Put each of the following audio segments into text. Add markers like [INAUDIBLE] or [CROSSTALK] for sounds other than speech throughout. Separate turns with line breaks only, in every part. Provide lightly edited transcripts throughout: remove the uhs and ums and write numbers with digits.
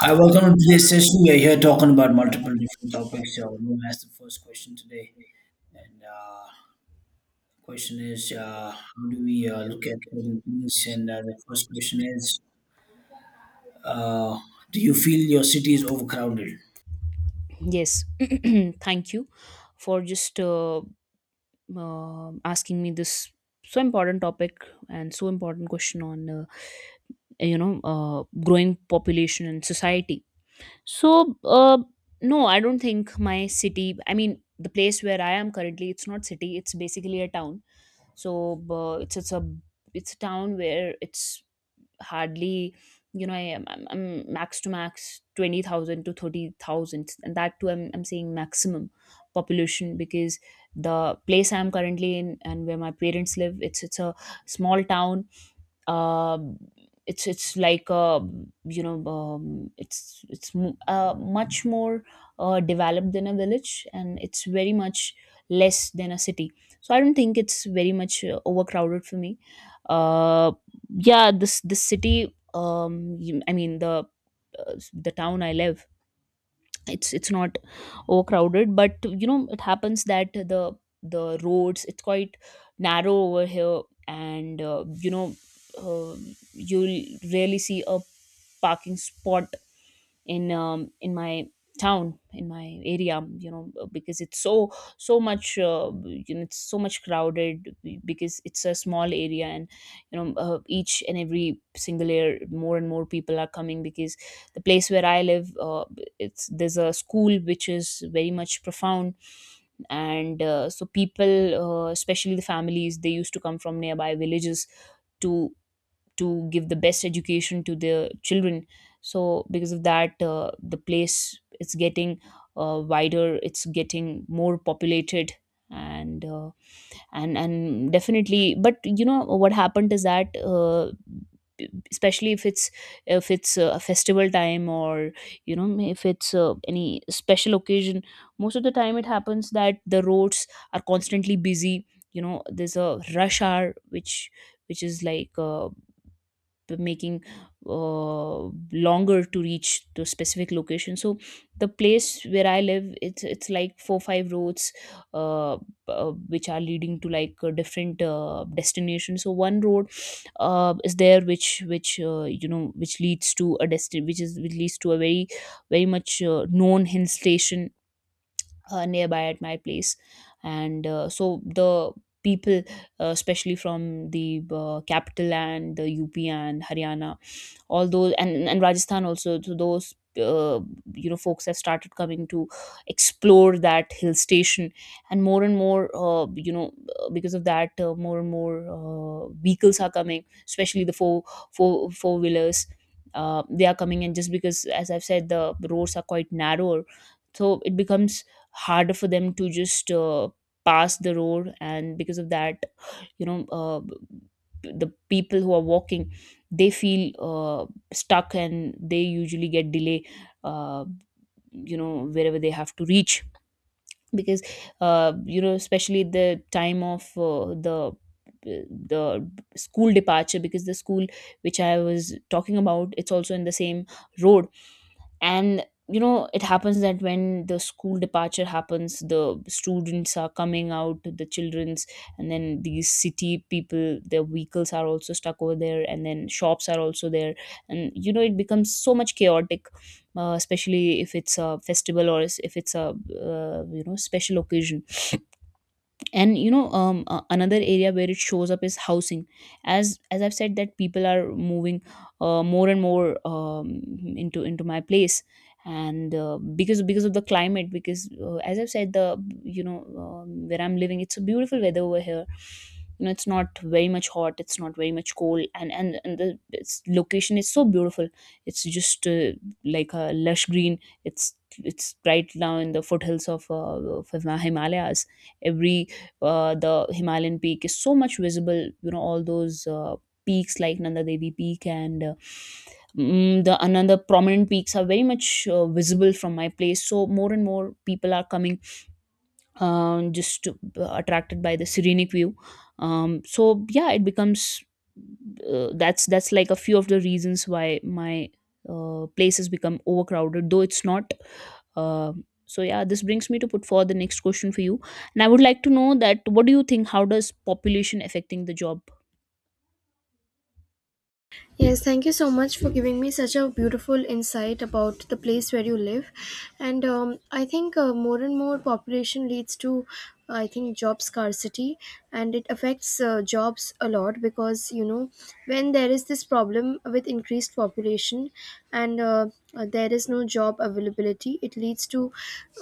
Hi, welcome to today's session. We are here talking about multiple different topics. So I'm going to ask the first question today, and question is, how do we look at certain things? And the first question is, uh, do you feel your city is overcrowded? Yeah,
Yes, [CLEARS THROAT] thank you for just asking me this so important topic and so important question on growing population and society. So uh, no, I don't think my city. I mean, the place where I am currently, it's not city. It's basically a town. So uh, it's it's a it's a town where it's hardly, you know, I'm max to max 20,000 to 30,000, and that too I'm saying maximum population, because the place I'm currently in and where my parents live, it's a small town. um, it's like, it's much more developed than a village, and it's very much less than a city, so I don't think it's very much overcrowded for me. uh, yeah, this city, I mean the town I live, it's not overcrowded, but you know it happens that the roads, it's quite narrow over here. And uh, you'll rarely see a parking spot in, in my town, in my area. You know, because it's so, so much, you know, it's so much crowded because it's a small area. And you know, each and every single year, more and more people are coming because the place where I live, it's, there's a school which is very much profound. And so people, especially the families, they used to come from nearby villages to to give the best education to their children. So because of that, the place, it's getting wider, it's getting more populated. And uh, and and definitely, but you know what happened is that, especially if it's, if it's a festival time, or you know, if it's any special occasion, most of the time it happens that the roads are constantly busy. You know, there's a rush hour which is like, the making uh, longer to reach the specific location. So the place where I live, it's like four five roads, uh, which are leading to like, different destinations. So one road is there, which you know, which is, which leads to a very, very much known hill station nearby at my place. And so the people, especially from the capital and the UP and Haryana, all those, and Rajasthan also. So those, uh, you know, folks have started coming to explore that hill station. And more and more, because of that, more and more vehicles are coming, especially the four wheelers. They are coming in just because, as I've said, the roads are quite narrower, so it becomes harder for them to just, pass the road. And because of that, you know uh, the people who are walking, they feel stuck, and they usually get delay uh, you know, wherever they have to reach. Because you know, especially the time of, the school departure, because the school which I was talking about, it's also in the same road. And you know, it happens that when the school departure happens, the students are coming out, the children's, and then these city people, their vehicles are also stuck over there, and then shops are also there. And you know, it becomes so much chaotic, especially if it's a festival if it's a, you know, special occasion. And you know, another area where it shows up is housing. As I've said, that people are moving more and more, into my place. And because of the climate, because, as I've said, the, you know, where I'm living, it's a beautiful weather over here. You know, it's not very much hot, it's not very much cold, and the its location is so beautiful. It's just, like a lush green. It's right now in the foothills of Himalayas. Every, the Himalayan peak is so much visible. You know, all those peaks like Nanda Devi Peak, and the another prominent peaks are very much visible from my place. So more and more people are coming, just attracted by the serenic view. So yeah, it becomes, that's like a few of the reasons why my place has become overcrowded, though it's not. Uh, so yeah, this brings me to put forward the next question for you, and I would like to know that, what do you think? How does population affecting the job?
Yes, thank you so much for giving me such a beautiful insight about the place where you live. And I think more and more population leads to, I think, job scarcity, and it affects jobs a lot because, you know, when there is this problem with increased population and there is no job availability. It leads to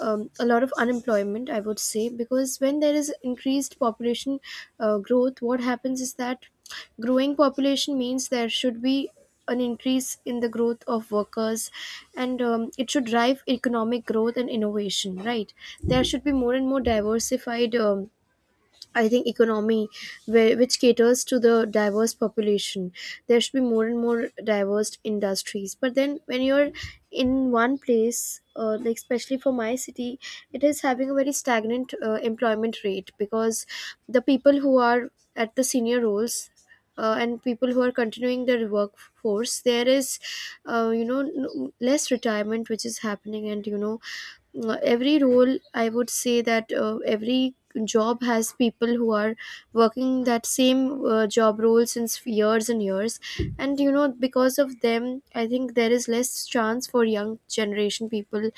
a lot of unemployment, I would say, because when there is increased population growth, what happens is that growing population means there should be an increase in the growth of workers, and it should drive economic growth and innovation, right? There should be more and more diversified, I think, economy which caters to the diverse population. There should be more and more diverse industries, but then when you're in one place, like especially for my city, it is having a very stagnant employment rate because the people who are at the senior roles, and people who are continuing their workforce, there is, you know, less retirement which is happening. And you know, every role, I would say, that every job has people who are working that same job role since years and years. And you know, because of them, I think there is less chance for young generation people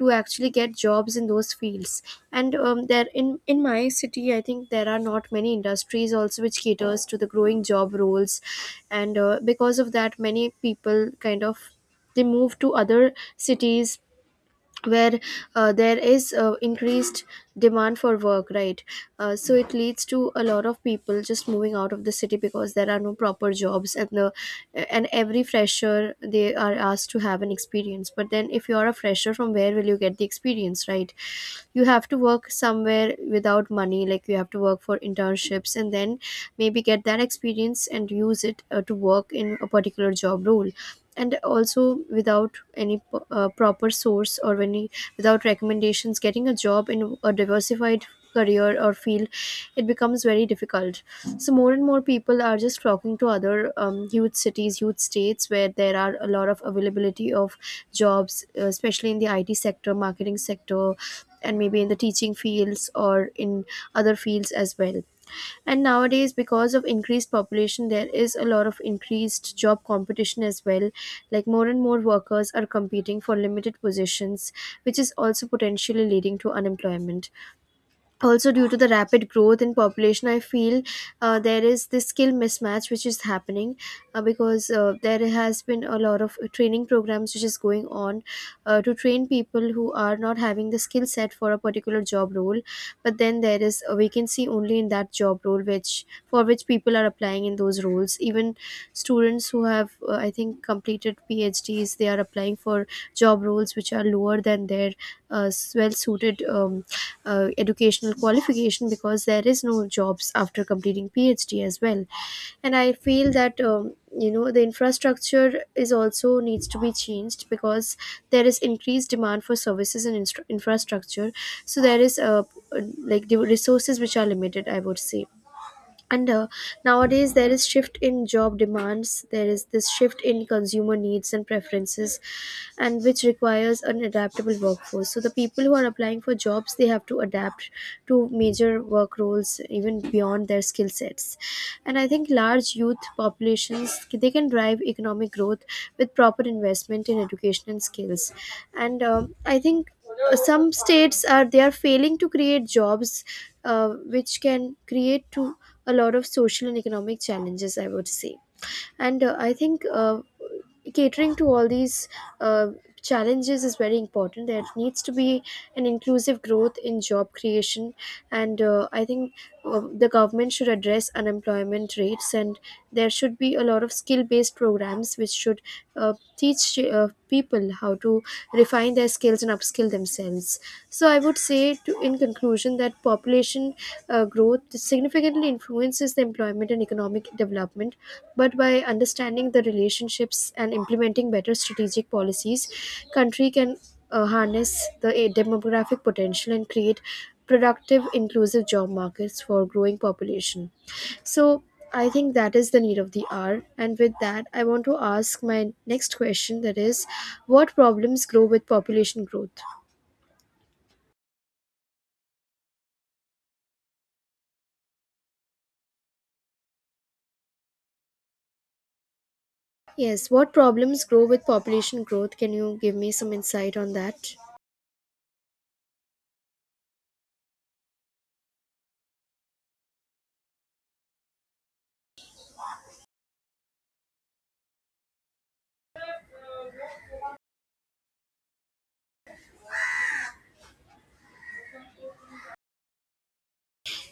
to actually get jobs in those fields. And there, in my city, I think there are not many industries also which caters to the growing job roles. And because of that, many people kind of they move to other cities where there is increased demand for work, right? So it leads to a lot of people just moving out of the city because there are no proper jobs. And the, and every fresher, they are asked to have an experience, but then if you are a fresher, from where will you get the experience, right? You have to work somewhere without money, like you have to work for internships and then maybe get that experience and use it to work in a particular job role. And also without any proper source or any, without recommendations, getting a job in a diversified career or field, it becomes very difficult. So more and more people are just flocking to other huge cities, huge states, where there are a lot of availability of jobs, especially in the IT sector, marketing sector, and maybe in the teaching fields or in other fields as well. And nowadays, because of increased population, there is a lot of increased job competition as well, like more and more workers are competing for limited positions, which is also potentially leading to unemployment. Also, due to the rapid growth in population, I feel there is this skill mismatch which is happening, because there has been a lot of training programs which is going on to train people who are not having the skill set for a particular job role. But then there is a vacancy only in that job role, which, for which people are applying in those roles. Even students who have, I think, completed PhDs, they are applying for job roles which are lower than their well suited educational qualification, because there is no jobs after completing PhD as well. And I feel that, you know, the infrastructure is also needs to be changed, because there is increased demand for services and infrastructure. So there is, like, the resources which are limited, I would say. And nowadays there is shift in job demands, there is this shift in consumer needs and preferences, and which requires an adaptable workforce. So the people who are applying for jobs, they have to adapt to major work roles even beyond their skill sets. And I think large youth populations, they can drive economic growth with proper investment in education and skills. And I think some states are, they are failing to create jobs, which can create to a lot of social and economic challenges, I would say. And I think catering to all these uh, challenges is very important. There needs to be an inclusive growth in job creation, and I think the government should address unemployment rates, and there should be a lot of skill-based programs which should teach people how to refine their skills and upskill themselves. So I would say, to, in conclusion, that population growth significantly influences the employment and economic development. But by understanding the relationships and implementing better strategic policies, country can harness the demographic potential and create productive, inclusive job markets for growing population. So I think that is the need of the hour. And with that, I want to ask my next question, that is, what problems grow with population growth? Yes, what problems grow with population growth? Can you give me some insight on that?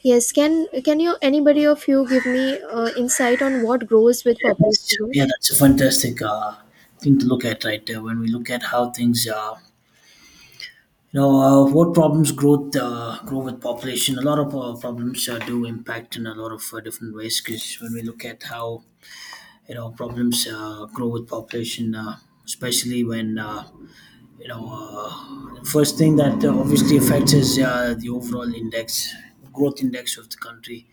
Yes, can you, anybody of you, give me insight on what grows with population growth?
yeah, that's a fantastic thing to look at right there. When we look at how what problems grow with population. A lot of problems do impact in a lot of different ways. Because when we look at how problems grow with population, especially when you know the first thing that obviously affects is the overall index growth index of the country,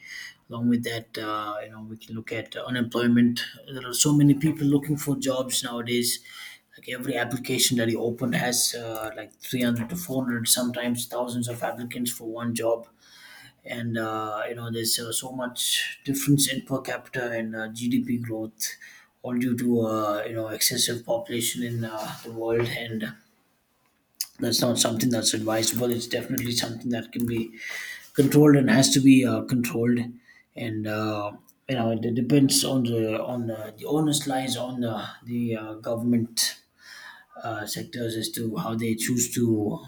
along with that. You know, we can look at unemployment. There are so many people looking for jobs nowadays. Like, every application that you open has like 300 to 400, sometimes thousands of applicants for one job. And you know, there's so much difference in per capita and GDP growth, all due to you know, excessive population in the world, and that's not something that's advisable. It's definitely something that can be controlled and has to be controlled, and you know, it depends on the onus lies on the government sectors as to how they choose to,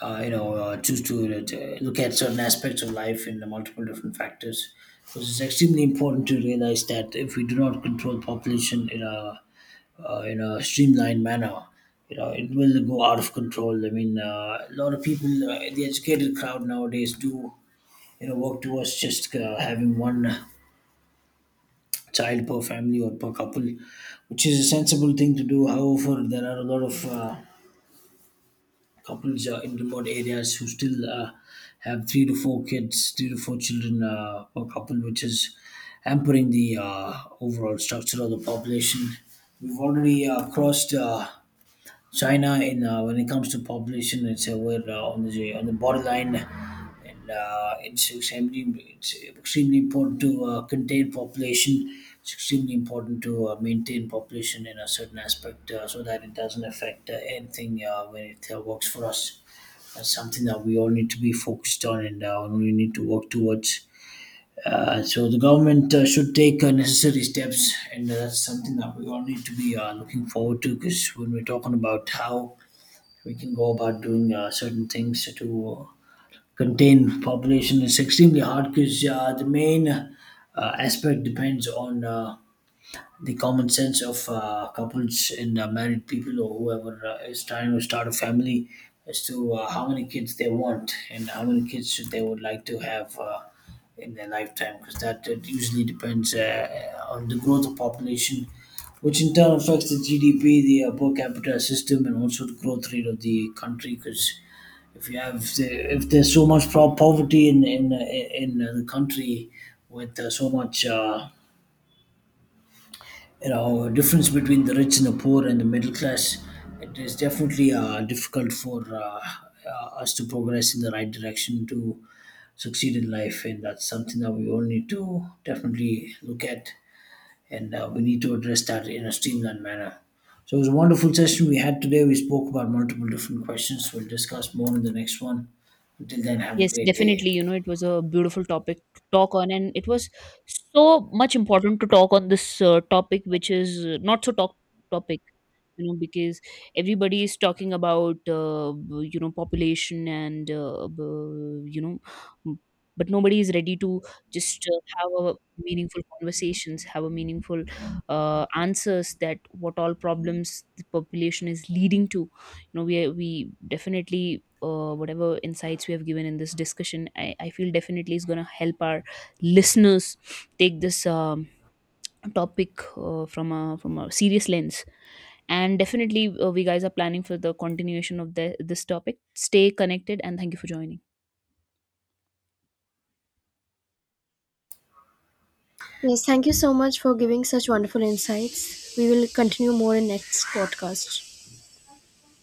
choose to look at certain aspects of life in the multiple different factors, because it's extremely important to realize that if we do not control population in a, in a streamlined manner, you know it will go out of control. I mean, a lot of people, the educated crowd nowadays, do you know, work towards just having one child per family or per couple, which is a sensible thing to do. However, there are a lot of couples in remote areas who still have three to four kids, three to four children per couple, which is hampering the overall structure of the population. We've already crossed. China in, when it comes to population. It's we're on the borderline, and it's extremely, it's extremely important to contain population. It's extremely important to maintain population in a certain aspect, so that it doesn't affect anything when it works for us. That's something that we all need to be focused on, and we need to work towards. So the government should take necessary steps, and that's something that we all need to be looking forward to. Because when we're talking about how we can go about doing certain things to contain population, it's extremely hard. Because the main aspect depends on the common sense of couples and married people, or whoever is trying to start a family, as to how many kids they want and how many kids should they, would like to have in their lifetime, because that it usually depends, on the growth of population, which in turn affects the GDP, the per capita system, and also the growth rate of the country. Because if you have if there's so much poverty in the country, with so much, you know, difference between the rich and the poor and the middle class, it is definitely difficult for us to progress in the right direction, to succeed in life. And that's something that we all need to definitely look at, and we need to address that in a streamlined manner. So it was a wonderful session we had today. We spoke about multiple different questions. We'll discuss more in the next one. Until then, have a
Yes,
great day.
definitely. You know, it was a beautiful topic to talk on, and it was so much important to talk on this topic, which is not so talk topic, you know, because everybody is talking about you know, population, and you know, m- but nobody is ready to just, have a meaningful conversations, have a meaningful answers, that what all problems the population is leading to. You know, we definitely, whatever insights we have given in this discussion, I feel definitely is going to help our listeners take this, topic from a, serious lens. And definitely, we guys are planning for the continuation of this topic. Stay connected, and thank you for joining.
Yes, thank you so much for giving such wonderful insights. We will continue more in next podcast.